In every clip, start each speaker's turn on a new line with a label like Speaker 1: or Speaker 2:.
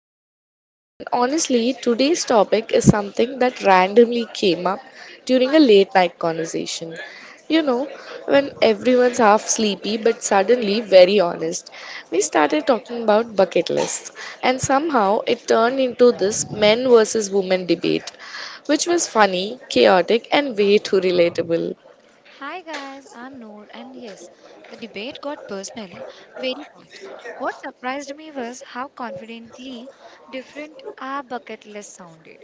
Speaker 1: am Nishita, and honestly, today's topic is something that randomly came up during a late night conversation. You know, when everyone's half sleepy but suddenly very honest. We started talking about bucket lists, and somehow it turned into this men versus women debate, which was funny, chaotic, and way too relatable.
Speaker 2: Hi guys, I'm Noor, and yes, the debate got personal very fast. What surprised me was how confidently different our bucket list sounded.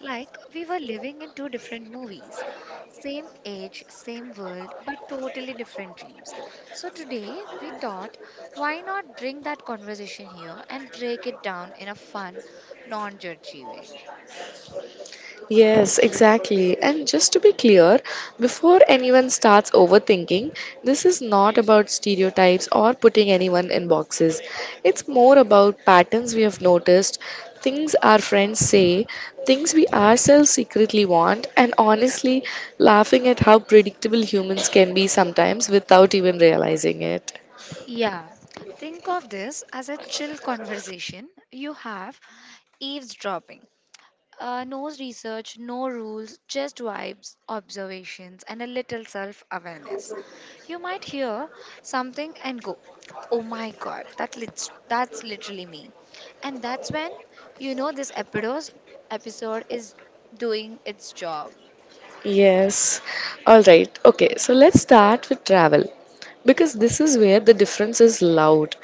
Speaker 2: Like we were living in two different movies, same age, same world, but totally different dreams. So today we thought, why not bring that conversation here and break it down in a fun, non judgy way?
Speaker 1: Yes, exactly. And just to be clear, before anyone starts overthinking, this is not about stereotypes or putting anyone in boxes. It's more about patterns we have noticed, things our friends say, things we ourselves secretly want, and honestly, laughing at how predictable humans can be sometimes without even realizing it.
Speaker 2: Yeah, think of this as a chill conversation you have eavesdropping. No research, no rules, just vibes, observations, and a little self awareness. You might hear something and go, Oh my god, that's literally me. And that's when you know this episode is doing its job.
Speaker 1: Yes. All right. Okay. So let's start with travel because this is where the difference is loud.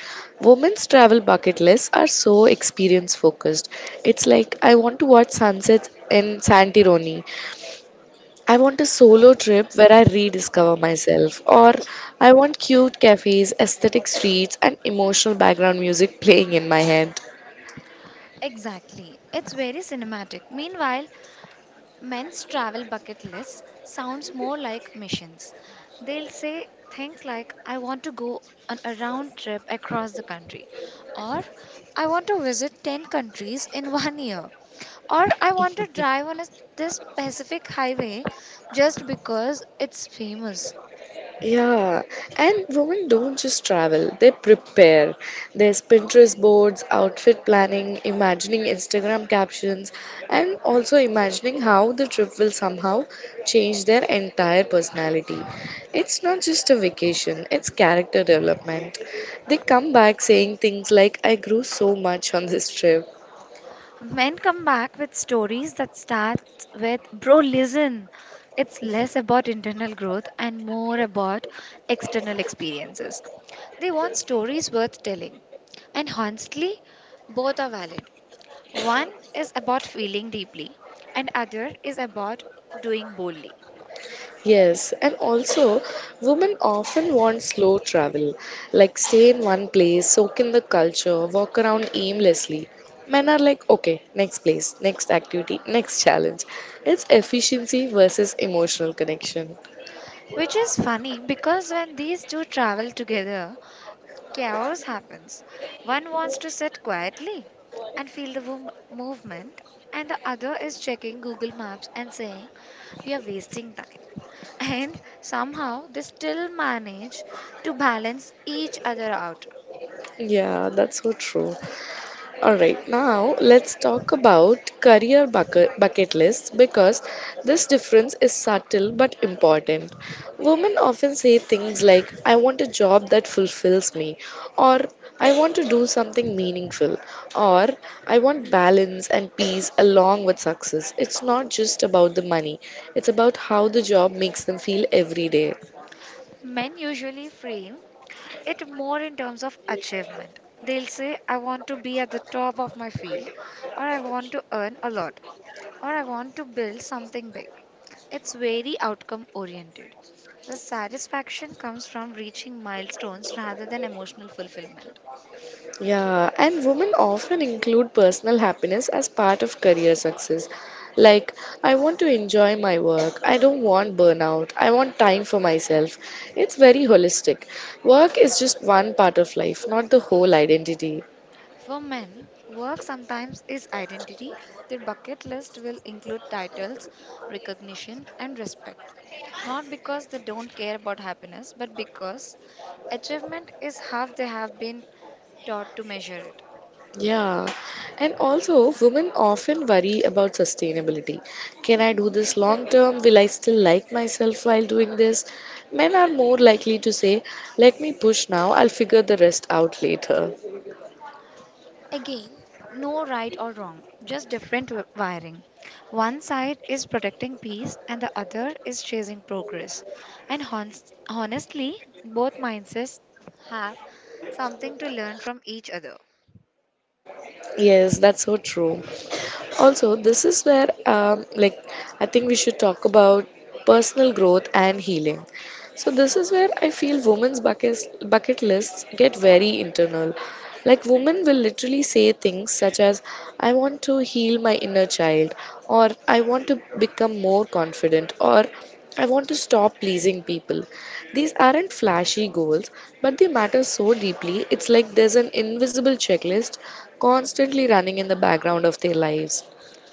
Speaker 1: Women's travel bucket lists are so experience focused. It's like I want to watch sunsets in Santironi. I want a solo trip where I rediscover myself, or I want cute cafes, aesthetic streets and emotional background music playing in my head.
Speaker 2: Exactly. It's very cinematic. Meanwhile, men's travel bucket list sounds more like missions. They'll say things like, I want to go on a round trip across the country, or I want to visit 10 countries in one year, or I want to drive on this specific highway just because it's famous.
Speaker 1: Yeah, and women don't just travel, they prepare. There's Pinterest boards, outfit planning, imagining Instagram captions, and also imagining how the trip will somehow change their entire personality. It's not just a vacation, it's character development. They come back saying things like, I grew so much on this trip.
Speaker 2: Men come back with stories that start with, bro, listen. It's less about internal growth and more about external experiences. They want stories worth telling. And honestly, both are valid. One is about feeling deeply, and other is about doing boldly.
Speaker 1: Yes, and also women often want slow travel, like stay in one place, soak in the culture, walk around aimlessly. Men are like, okay, next place, next activity, next challenge. It's efficiency versus emotional connection.
Speaker 2: Which is funny because when these two travel together, chaos happens. One wants to sit quietly and feel the movement, and the other is checking Google Maps and saying, We are wasting time. And somehow they still manage to balance each other out.
Speaker 1: Yeah, that's so true. All right, now let's talk about career bucket lists because this difference is subtle but important. Women often say things like, I want a job that fulfills me, or I want to do something meaningful, or I want balance and peace along with success. It's not just about the money, it's about how the job makes them feel every day.
Speaker 2: Men usually frame it more in terms of achievement. They'll say, I want to be at the top of my field, or I want to earn a lot. Or I want to build something big. It's very outcome oriented. The satisfaction comes from reaching milestones rather than emotional fulfillment.
Speaker 1: Yeah, and women often include personal happiness as part of career success. Like, I want to enjoy my work. I don't want burnout. I want time for myself. It's very holistic. Work is just one part of life, not the whole identity.
Speaker 2: For men, work sometimes is identity. Their bucket list will include titles, recognition, and respect. Not because they don't care about happiness, but because achievement is how they have been taught to measure it.
Speaker 1: Yeah, and also women often worry about sustainability. Can I do this long term? Will I still like myself while doing this? Men are more likely to say, let me push now, I'll figure the rest out later.
Speaker 2: Again, no right or wrong, just different wiring. One side is protecting peace and the other is chasing progress. And honestly, both mindsets have something to learn from each other.
Speaker 1: Yes, that's so true. Also, this is where, I think we should talk about personal growth and healing. So this is where I feel women's bucket lists get very internal. Like women will literally say things such as, I want to heal my inner child, or I want to become more confident, or I want to stop pleasing people. These aren't flashy goals, but they matter so deeply. It's like there's an invisible checklist constantly running in the background of their lives.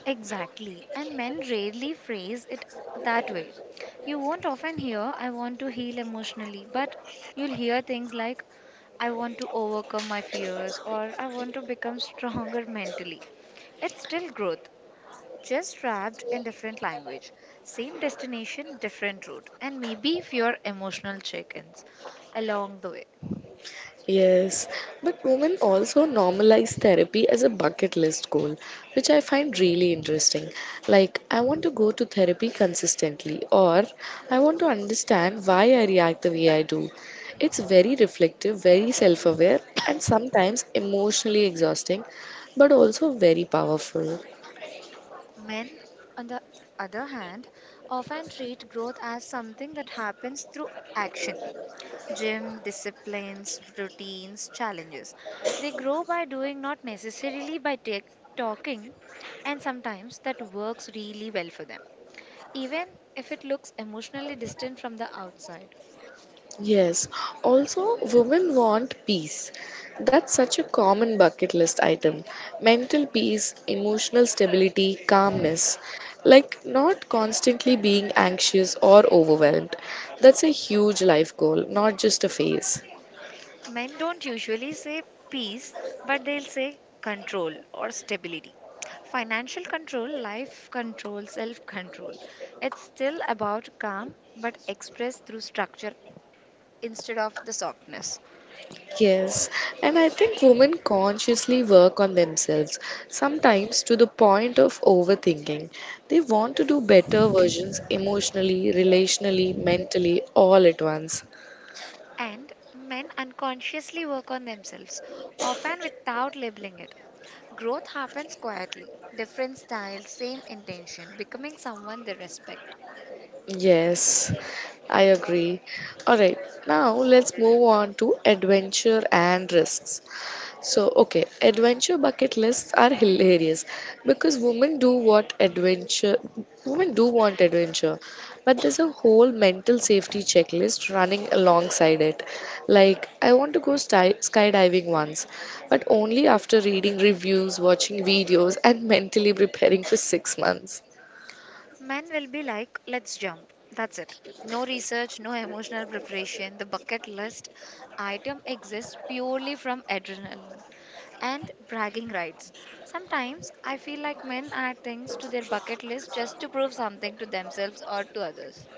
Speaker 2: Exactly, and men rarely phrase it that way. You won't often hear, I want to heal emotionally, but you'll hear things like, I want to overcome my fears or I want to become stronger mentally. It's still growth, just wrapped in different language. Same destination, different route, and maybe if your emotional check ins along the way.
Speaker 1: Yes, but women also normalize therapy as a bucket list goal, which I find really interesting. Like, I want to go to therapy consistently, or I want to understand why I react the way I do. It's very reflective, very self aware, and sometimes emotionally exhausting, but also very powerful.
Speaker 2: Men, on the other hand, often treat growth as something that happens through action. Gym, disciplines, routines, challenges. They grow by doing, not necessarily by talking, and sometimes that works really well for them, even if it looks emotionally distant from the outside.
Speaker 1: Yes. Also, women want peace. That's such a common bucket list item. Mental peace, emotional stability, calmness. Like not constantly being anxious or overwhelmed. That's a huge life goal, not just a phase.
Speaker 2: Men don't usually say peace, but they'll say control or stability. Financial control, life control, self control. It's still about calm, but expressed through structure instead of the softness.
Speaker 1: Yes, and I think women consciously work on themselves, sometimes to the point of overthinking. They want to do better versions emotionally, relationally, mentally, all at once.
Speaker 2: And men unconsciously work on themselves, often without labeling it. Growth happens quietly, different style, same intention, becoming someone they respect.
Speaker 1: Yes, I agree. All right, now let's move on to adventure and risks. So, okay, adventure bucket lists are hilarious because women do want adventure, but there's a whole mental safety checklist running alongside it. Like, I want to go skydiving once, but only after reading reviews, watching videos, and mentally preparing for 6 months.
Speaker 2: Men will be like, let's jump. That's it. No research, no emotional preparation. The bucket list item exists purely from adrenaline and bragging rights. Sometimes I feel like men add things to their bucket list just to prove something to themselves or to others.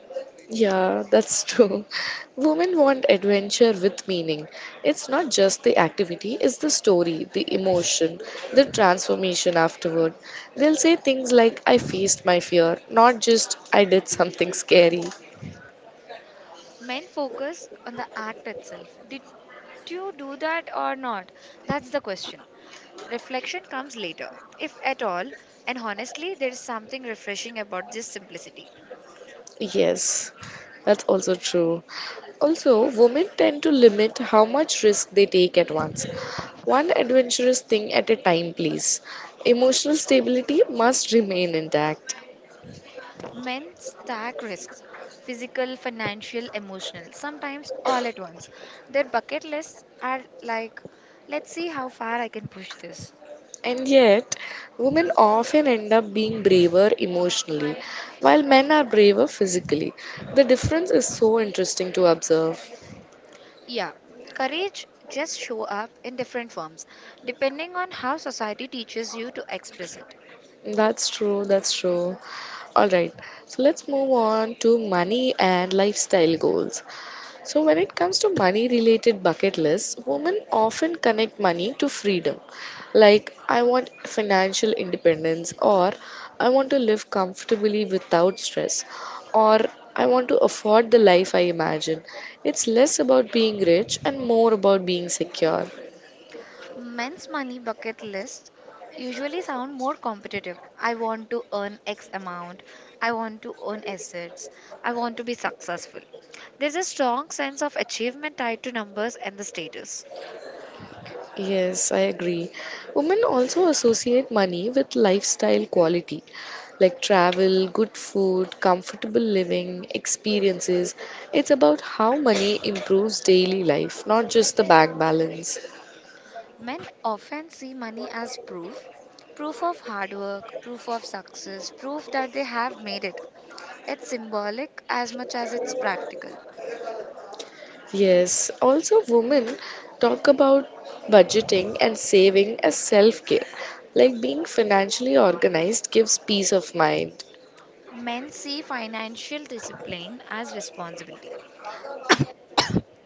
Speaker 1: Yeah, that's true. Women want adventure with meaning. It's not just the activity, it's the story, the emotion, the transformation afterward. They'll say things like, I faced my fear, not just I did something scary.
Speaker 2: Men focus on the act itself. Did you do that or not? That's the question. Reflection comes later, if at all, and honestly, there is something refreshing about this simplicity.
Speaker 1: Yes, that's also true. Also, women tend to limit how much risk they take at once. One adventurous thing at a time, please. Emotional stability must remain intact.
Speaker 2: Men stack risks physical, financial, emotional, sometimes all at once. Their bucket lists are like, let's see how far I can push this.
Speaker 1: And yet, women often end up being braver emotionally, while men are braver physically. The difference is so interesting to observe.
Speaker 2: Yeah, courage just show up in different forms depending on how society teaches you to express it.
Speaker 1: That's true, that's true. All right, so let's move on to money and lifestyle goals. So, when it comes to money related bucket lists, women often connect money to freedom. Like, I want financial independence, or I want to live comfortably without stress, or I want to afford the life I imagine. It's less about being rich and more about being secure.
Speaker 2: Men's money bucket lists usually sound more competitive. I want to earn X amount. I want to own assets. I want to be successful. There's a strong sense of achievement tied to numbers and the status.
Speaker 1: Yes, I agree. Women also associate money with lifestyle quality like travel, good food, comfortable living, experiences. It's about how money improves daily life, not just the bank balance.
Speaker 2: Men often see money as proof proof of hard work, proof of success, proof that they have made it. It's symbolic as much as it's practical.
Speaker 1: Yes, also women talk about budgeting and saving as self care. Like being financially organized gives peace of mind.
Speaker 2: Men see financial discipline as responsibility.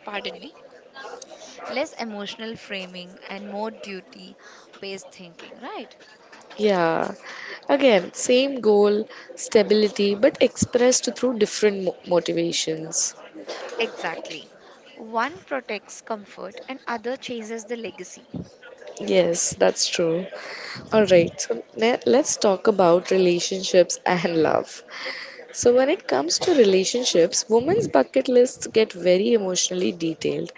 Speaker 2: Pardon me less emotional framing and more duty based thinking, right?
Speaker 1: Yeah. Again, same goal, stability, but expressed through different motivations.
Speaker 2: Exactly. One protects comfort and other chases the legacy.
Speaker 1: Yes, that's true. All right, so let's talk about relationships and love. So, when it comes to relationships, women's bucket lists get very emotionally detailed.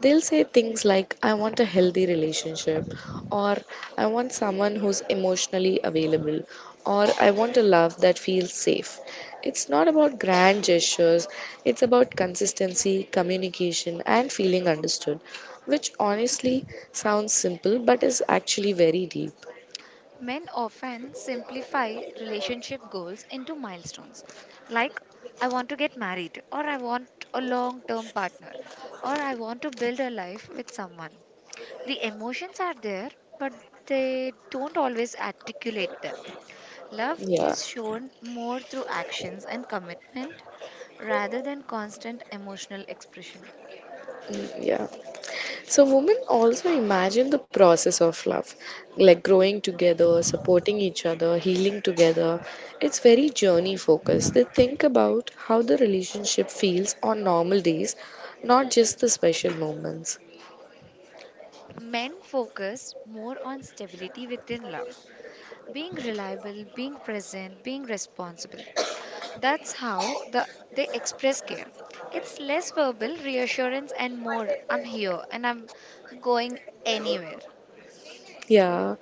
Speaker 1: They'll say things like, I want a healthy relationship, or I want someone who's emotionally available, or I want a love that feels safe. It's not about grand gestures, it's about consistency, communication, and feeling understood, which honestly sounds simple but is actually very deep.
Speaker 2: Men often simplify relationship goals into milestones like I want to get married or I want a long term partner or I want to build a life with someone. The emotions are there but they don't always articulate them. Love
Speaker 1: Yeah.
Speaker 2: is shown more through actions and commitment rather than constant emotional expression.
Speaker 1: Mm, yeah. So, women also imagine the process of love, like growing together, supporting each other, healing together. It's very journey focused. They think about how the relationship feels on normal days, not just the special moments.
Speaker 2: Men focus more on stability within love, being reliable, being present, being responsible. That's how the they express care. It's less verbal reassurance and more I'm here and I'm going anywhere.
Speaker 1: Yeah,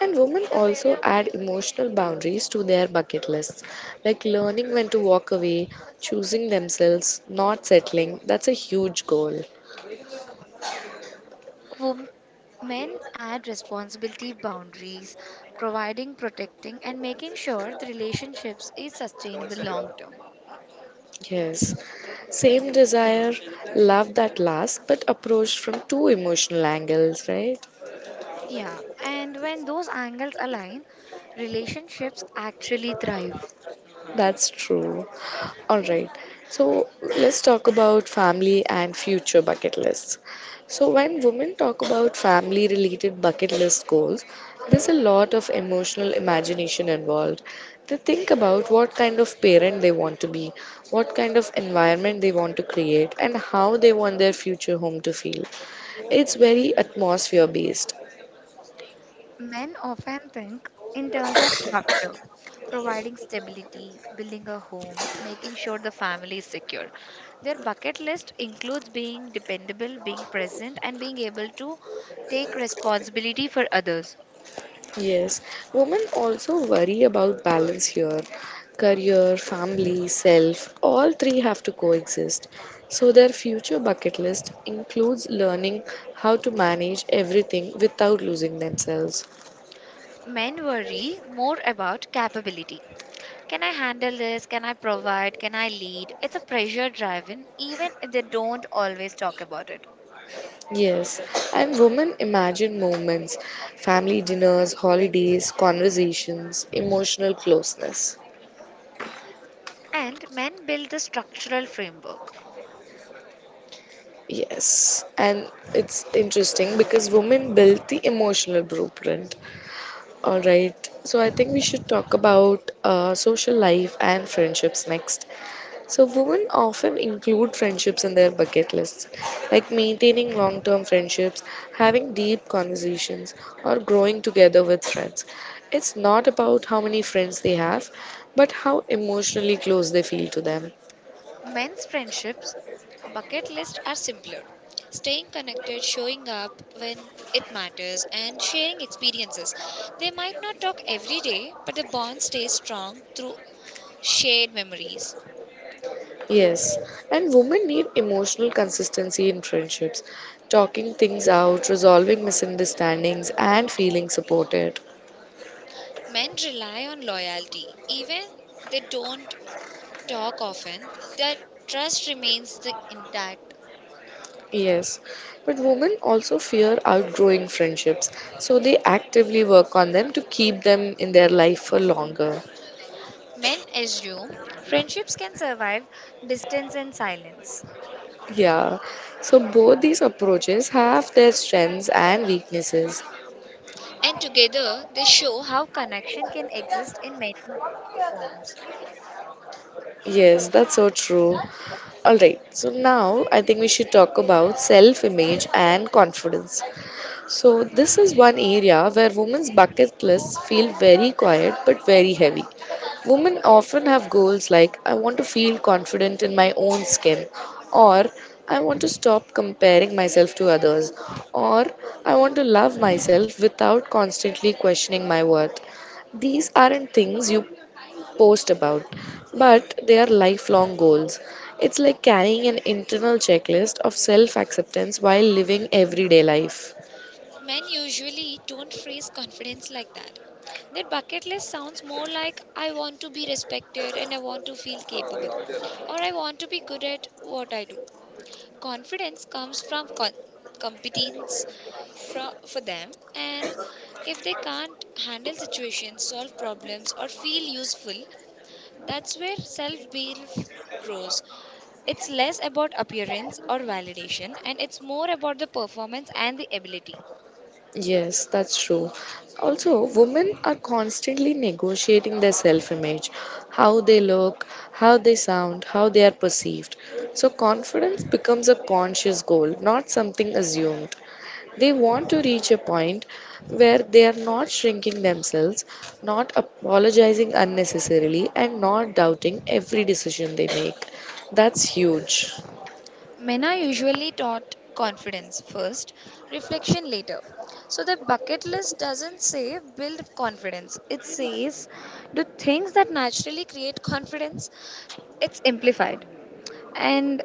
Speaker 1: and women also add emotional boundaries to their bucket lists, like learning when to walk away, choosing themselves, not settling. That's a huge goal.
Speaker 2: Wom- Men add responsibility boundaries, providing, protecting, and making sure the relationships is sustainable long term.
Speaker 1: Yes, same desire, love that lasts, but approached from two emotional angles, right?
Speaker 2: Yeah, and when those angles align, relationships actually thrive.
Speaker 1: That's true. All right, so let's talk about family and future bucket lists. So, when women talk about family related bucket list goals, there's a lot of emotional imagination involved. They think about what kind of parent they want to be, what kind of environment they want to create, and how they want their future home to feel. It's very atmosphere based.
Speaker 2: Men often think in terms of structure, providing stability, building a home, making sure the family is secure. Their bucket list includes being dependable, being present, and being able to take responsibility for others.
Speaker 1: Yes, women also worry about balance here. Career, family, self, all three have to coexist. So their future bucket list includes learning how to manage everything without losing themselves.
Speaker 2: Men worry more about capability. Can I handle this? Can I provide? Can I lead? It's a pressure driven, even if they don't always talk about it.
Speaker 1: Yes, and women imagine moments, family dinners, holidays, conversations, emotional closeness.
Speaker 2: And men build the structural framework.
Speaker 1: Yes, and it's interesting because women build the emotional blueprint. All right. So I think we should talk about social life and friendships next. So women often include friendships in their bucket lists, like maintaining long-term friendships, having deep conversations, or growing together with friends. It's not about how many friends they have, but how emotionally close they feel to them.
Speaker 2: Men's friendships bucket lists are simpler. Staying connected, showing up when it matters, and sharing experiences. They might not talk every day, but the bond stays strong through shared memories.
Speaker 1: Yes, and women need emotional consistency in friendships, talking things out, resolving misunderstandings, and feeling supported.
Speaker 2: Men rely on loyalty. Even they don't talk often, their trust remains the intact.
Speaker 1: Yes, but women also fear outgrowing friendships, so they actively work on them to keep them in their life for longer.
Speaker 2: Men assume friendships can survive distance and silence,
Speaker 1: Yeah, so both these approaches have their strengths and weaknesses.
Speaker 2: And together they show how connection can exist in many forms.
Speaker 1: Yes, that's so true. All right, so now I think we should talk about self image and confidence. So, this is one area where women's bucket lists feel very quiet but very heavy. Women often have goals like, I want to feel confident in my own skin, or I want to stop comparing myself to others, or I want to love myself without constantly questioning my worth. These aren't things you post about, but they are lifelong goals. It's like carrying an internal checklist of self acceptance while living everyday life.
Speaker 2: Men usually don't phrase confidence like that. Their bucket list sounds more like I want to be respected and I want to feel capable or I want to be good at what I do. Confidence comes from competence for them, and if they can't handle situations, solve problems, or feel useful, that's where self belief grows. It's less about appearance or validation, and it's more about the performance and the ability.
Speaker 1: Yes, that's true. Also, women are constantly negotiating their self image, how they look, how they sound, how they are perceived. So, confidence becomes a conscious goal, not something assumed. They want to reach a point where they are not shrinking themselves, not apologizing unnecessarily, and not doubting every decision they make. That's huge.
Speaker 2: Men are usually taught confidence first, reflection later. So the bucket list doesn't say build confidence, it says do things that naturally create confidence it's amplified and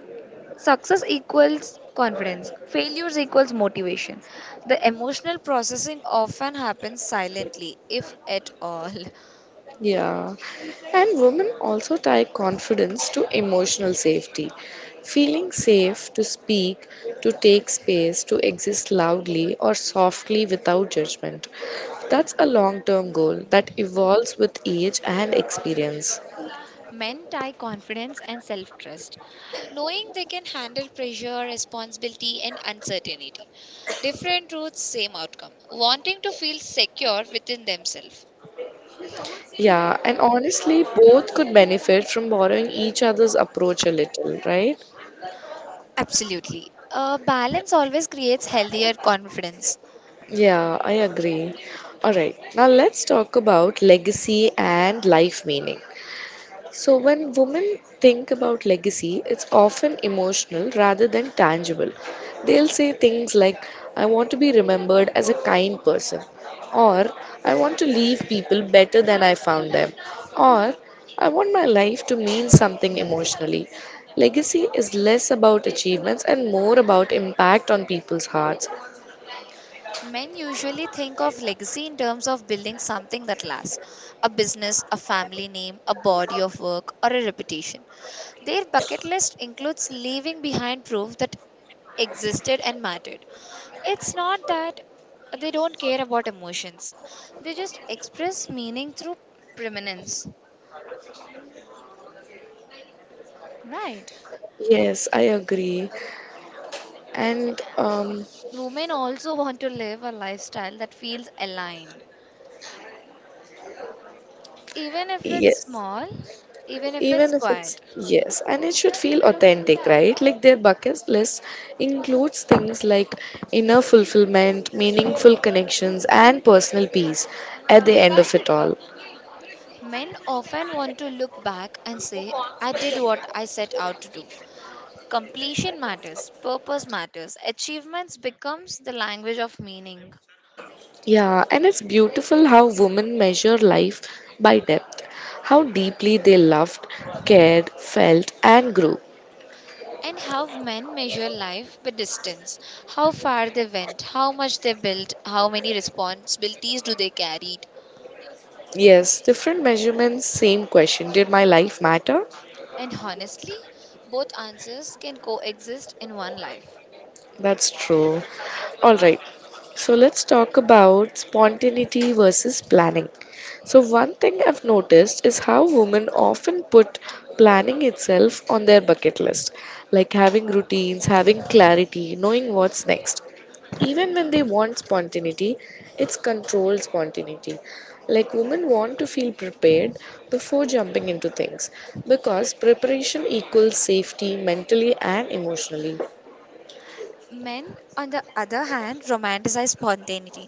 Speaker 2: success equals confidence failures equals motivation the emotional processing often happens silently if at all.
Speaker 1: Yeah, and women also tie confidence to emotional safety. Feeling safe to speak, to take space, to exist loudly or softly without judgment. That's a long term goal that evolves with age and experience.
Speaker 2: Men tie confidence and self-trust knowing they can handle pressure responsibility and uncertainty different routes same outcome wanting to feel secure within themselves
Speaker 1: Yeah, and honestly, both could benefit from borrowing each other's approach a little, right?
Speaker 2: absolutely a balance always creates healthier confidence.
Speaker 1: Yeah, I agree. All right, now let's talk about legacy and life meaning. So, when women think about legacy, it's often emotional rather than tangible. They'll say things like, I want to be remembered as a kind person, or I want to leave people better than I found them, or I want my life to mean something emotionally. Legacy is less about achievements and more about impact on people's hearts.
Speaker 2: Men usually think of legacy in terms of building something that lasts a business, a family name, a body of work, or a reputation. Their bucket list includes leaving behind proof that existed and mattered. It's not that they don't care about emotions, they just express meaning through permanence. Right.
Speaker 1: Yes, I agree. And um,
Speaker 2: Women also want to live a lifestyle that feels aligned, even if it's
Speaker 1: yes,
Speaker 2: small, even if
Speaker 1: even
Speaker 2: it's
Speaker 1: if it's
Speaker 2: quiet.
Speaker 1: yes and it should feel authentic, right? Like their bucket list includes things like inner fulfillment, meaningful connections, and personal peace at the end of it all.
Speaker 2: Men often want to look back and say, I did what I set out to do. Completion matters, purpose matters, achievements becomes the language of meaning.
Speaker 1: Yeah, and it's beautiful how women measure life by depth, how deeply they loved, cared, felt, and grew.
Speaker 2: And how men measure life by distance, how far they went, how much they built, how many responsibilities do they carried.
Speaker 1: Yes, different measurements, same question: did my life matter?
Speaker 2: And honestly, both answers can coexist in one life.
Speaker 1: That's true. All right. So let's talk about spontaneity versus planning. So, one thing I've noticed is how women often put planning itself on their bucket list, like having routines, having clarity, knowing what's next. Even when they want spontaneity, it's controlled spontaneity. Like, women want to feel prepared before jumping into things because preparation equals safety mentally and emotionally.
Speaker 2: Men, on the other hand, romanticize spontaneity.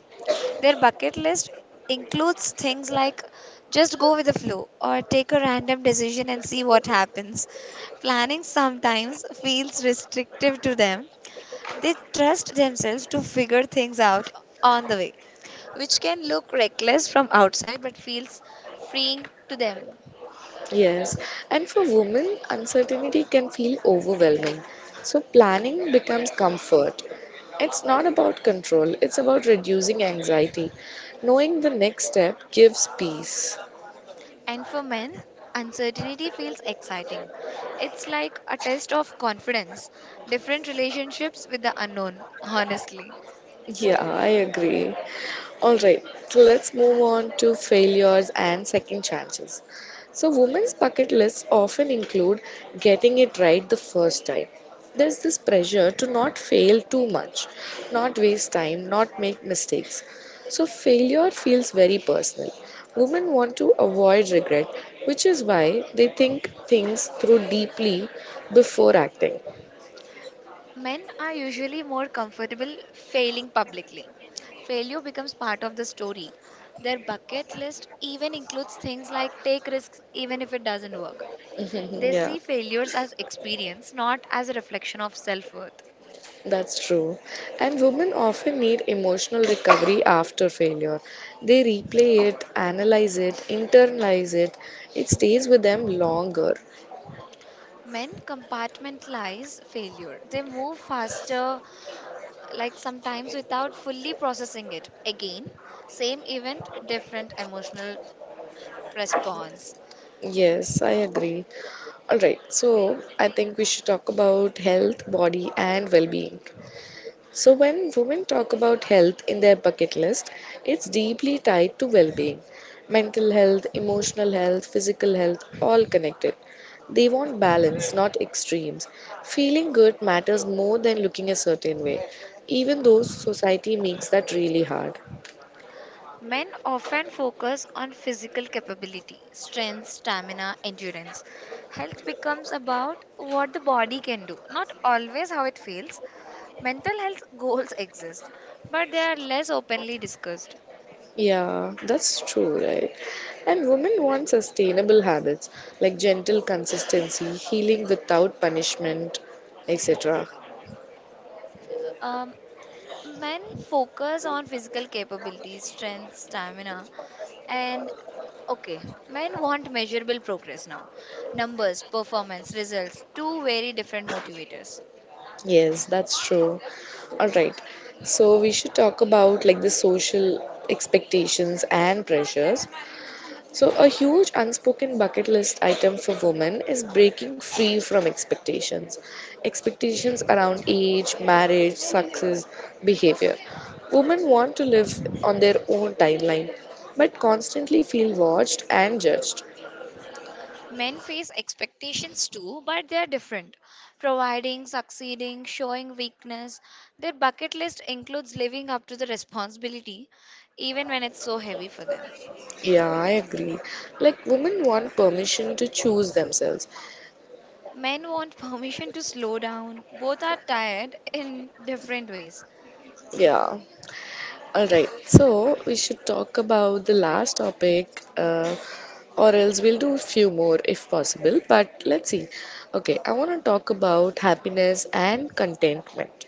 Speaker 2: Their bucket list includes things like just go with the flow or take a random decision and see what happens. Planning sometimes feels restrictive to them. They trust themselves to figure things out on the way, which can look reckless from outside but feels freeing to them.
Speaker 1: Yes, and for women, uncertainty can feel overwhelming. So, planning becomes comfort. It's not about control, it's about reducing anxiety. Knowing the next step gives peace.
Speaker 2: And for men, uncertainty feels exciting. It's like a test of confidence, different relationships with the unknown, honestly.
Speaker 1: Yeah, I agree. All right, so let's move on to failures and second chances. So, women's bucket lists often include getting it right the first time. There's this pressure to not fail too much, not waste time, not make mistakes. So, failure feels very personal. Women want to avoid regret, which is why they think things through deeply before acting.
Speaker 2: Men are usually more comfortable failing publicly. Failure becomes part of the story. Their bucket list even includes things like take risks even if it doesn't work. They
Speaker 1: Yeah.
Speaker 2: see failures as experience, not as a reflection of self worth.
Speaker 1: That's true. And women often need emotional recovery after failure. They replay it, analyze it, internalize it. It stays with them longer.
Speaker 2: Men compartmentalize failure. They move faster like sometimes without fully processing it. Again, same event, different emotional response.
Speaker 1: Yes, I agree. All right, so I think we should talk about health, body, and well being. So, when women talk about health in their bucket list, it's deeply tied to well being. Mental health, emotional health, physical health, all connected. They want balance, not extremes. Feeling good matters more than looking a certain way, even though society makes that really hard.
Speaker 2: Men often focus on physical capability, strength, stamina, endurance. Health becomes about what the body can do, not always how it feels. Mental health goals exist, but they are less openly discussed.
Speaker 1: Yeah, that's true, right? And women want sustainable habits like gentle consistency, healing without punishment, etc.
Speaker 2: Um, Men focus on physical capabilities, strength, stamina, and okay, men want measurable progress now. Numbers, performance, results, two very different motivators.
Speaker 1: Yes, that's true. All right. So we should talk about, like, the social expectations and pressures. So a huge unspoken bucket list item for women is breaking free from expectations. Expectations around age, marriage, success, behavior. Women want to live on their own timeline, but constantly feel watched and judged.
Speaker 2: Men face expectations too, but they are different. Providing, succeeding, showing weakness. Their bucket list includes living up to the responsibility, even when it's so heavy for them.
Speaker 1: Yeah, I agree. Like, women want permission to choose themselves.
Speaker 2: Men want permission to slow down. Both are tired in different ways.
Speaker 1: Yeah. All right, so we should talk about the last topic, or else we'll do few more if possible. But let's see. Okay, I want to talk about happiness and contentment.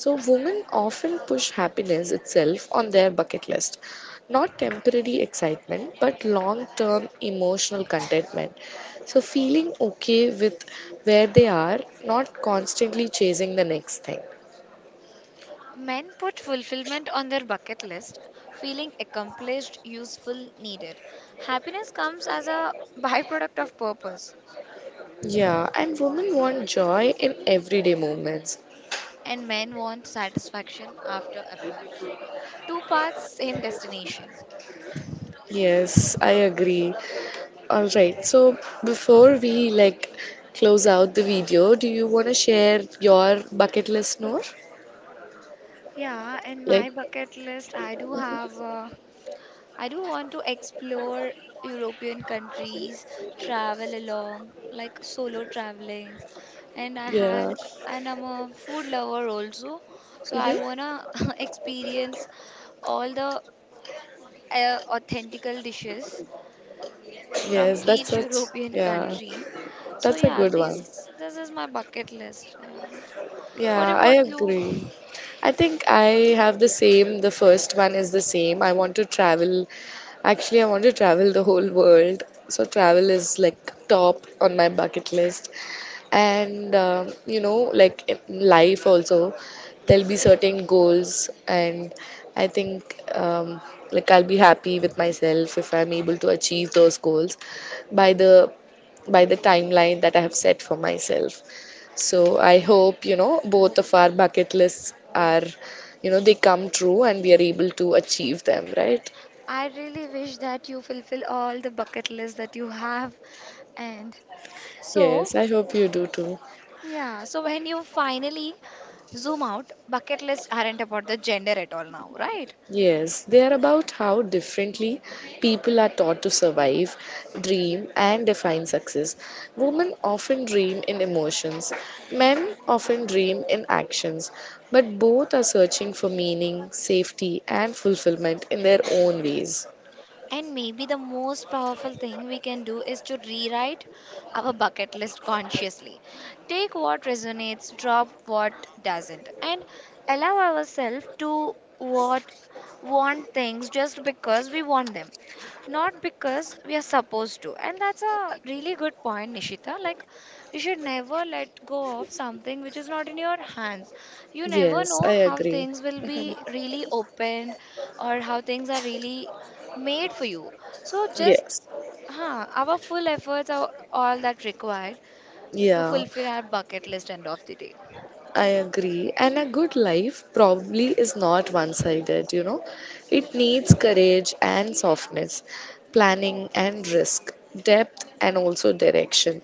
Speaker 1: So, women often push happiness itself on their bucket list. Not temporary excitement, but long term emotional contentment. So, feeling okay with where they are, not constantly chasing the next thing.
Speaker 2: Men put fulfillment on their bucket list, feeling accomplished, useful, needed. Happiness comes as a byproduct of purpose,
Speaker 1: Yeah, and women want joy in everyday moments.
Speaker 2: and men want satisfaction after effort. Two paths, same destination.
Speaker 1: Yes, I agree. All right, so before we, like, close out the video, do you want to share your bucket list, Noor?
Speaker 2: Yeah, in
Speaker 1: Like,
Speaker 2: my bucket list, I do have. I do want to explore European countries, travel along, like solo traveling. And I
Speaker 1: yeah.
Speaker 2: had, and I'm a food lover also. So I
Speaker 1: Mm-hmm.
Speaker 2: wanna experience all the authentical dishes from
Speaker 1: Yes, that's
Speaker 2: each
Speaker 1: such,
Speaker 2: European
Speaker 1: yeah,
Speaker 2: country. So
Speaker 1: that's a
Speaker 2: yeah,
Speaker 1: good one.
Speaker 2: these this is my bucket list. Yeah. What
Speaker 1: Yeah, I
Speaker 2: about you?
Speaker 1: agree. I think I have the same. The first one is the same. I want to travel. Actually, I want to travel the whole world. So, travel is like top on my bucket list. You know, like in life also, there'll be certain goals. And I think, um, like, I'll be happy with myself if I'm able to achieve those goals by the by the timeline that I have set for myself. So I hope, both of our bucket lists are, they come true and we are able to achieve them, right?
Speaker 2: I really wish that you fulfill all the bucket list that you have. And so
Speaker 1: Yes, I hope you do too.
Speaker 2: yeah, so when you finally zoom out, bucket lists aren't about the gender at all now, right?
Speaker 1: Yes, they are about how differently people are taught to survive, dream, and define success. Women often dream in emotions, men often dream in actions, but both are searching for meaning, safety, and fulfillment in their own ways.
Speaker 2: And maybe the most powerful thing we can do is to rewrite our bucket list consciously. Take what resonates, drop what doesn't, and allow ourselves to what want things just because we want them, not because we are supposed to. And that's a really good point, Nishita. Like you should never let go of something which is not in your hands. You never
Speaker 1: Yes,
Speaker 2: know
Speaker 1: I
Speaker 2: how
Speaker 1: agree.
Speaker 2: things will be really opened or how things are really made for you. So just
Speaker 1: Yes.
Speaker 2: our full efforts are all that required to
Speaker 1: Yeah.
Speaker 2: fulfill our bucket list end of the day.
Speaker 1: I agree. And a good life probably is not one sided, you know. It needs courage and softness, planning and risk, depth and also direction.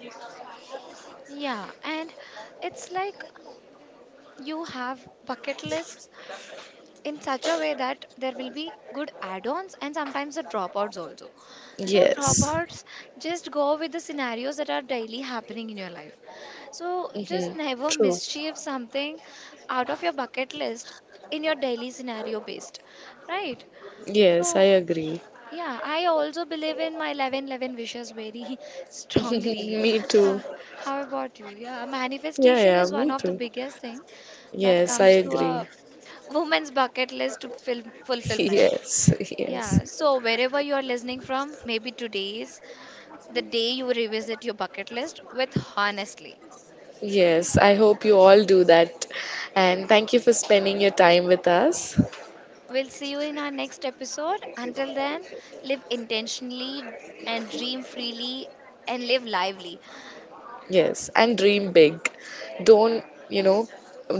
Speaker 2: Yeah, and it's like you have bucket lists in such a way that there will be good add-ons and sometimes the dropouts also. So
Speaker 1: Yes.
Speaker 2: dropouts just go with the scenarios that are daily happening in your life. So
Speaker 1: Hmm.
Speaker 2: just never
Speaker 1: True.
Speaker 2: mischieve something out of your bucket list in your daily scenario based, right?
Speaker 1: Yes, I
Speaker 2: So,
Speaker 1: agree.
Speaker 2: yeah, I also believe in my 11:11 wishes very strongly.
Speaker 1: Me too.
Speaker 2: Ha, how about you? Yeah,
Speaker 1: Yeah,
Speaker 2: manifestation
Speaker 1: yeah,
Speaker 2: is one
Speaker 1: me
Speaker 2: of the
Speaker 1: too.
Speaker 2: biggest thing that
Speaker 1: Yes, I
Speaker 2: comes to
Speaker 1: agree.
Speaker 2: a woman's bucket list to fulfillment.
Speaker 1: Yes, yes.
Speaker 2: Yeah, so wherever you are listening from, maybe today is the day you revisit your bucket list with honestly.
Speaker 1: Yes, I hope you all do that. And thank you for spending your time with us.
Speaker 2: We'll see you in our next episode. Until then, live intentionally and dream freely and live lively.
Speaker 1: Yes, and dream big. Don't, you know,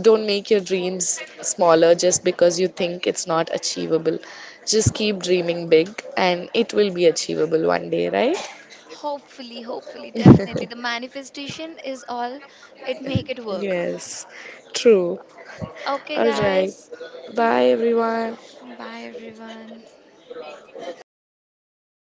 Speaker 1: don't make your dreams smaller just because you think it's not achievable. Just keep dreaming big and it will be achievable one day, right?
Speaker 2: Hopefully, hopefully, definitely. The manifestation is all it make it work.
Speaker 1: Yes, true.
Speaker 2: Okay,
Speaker 1: All right.
Speaker 2: guys.
Speaker 1: Bye, everyone.
Speaker 2: Bye, everyone.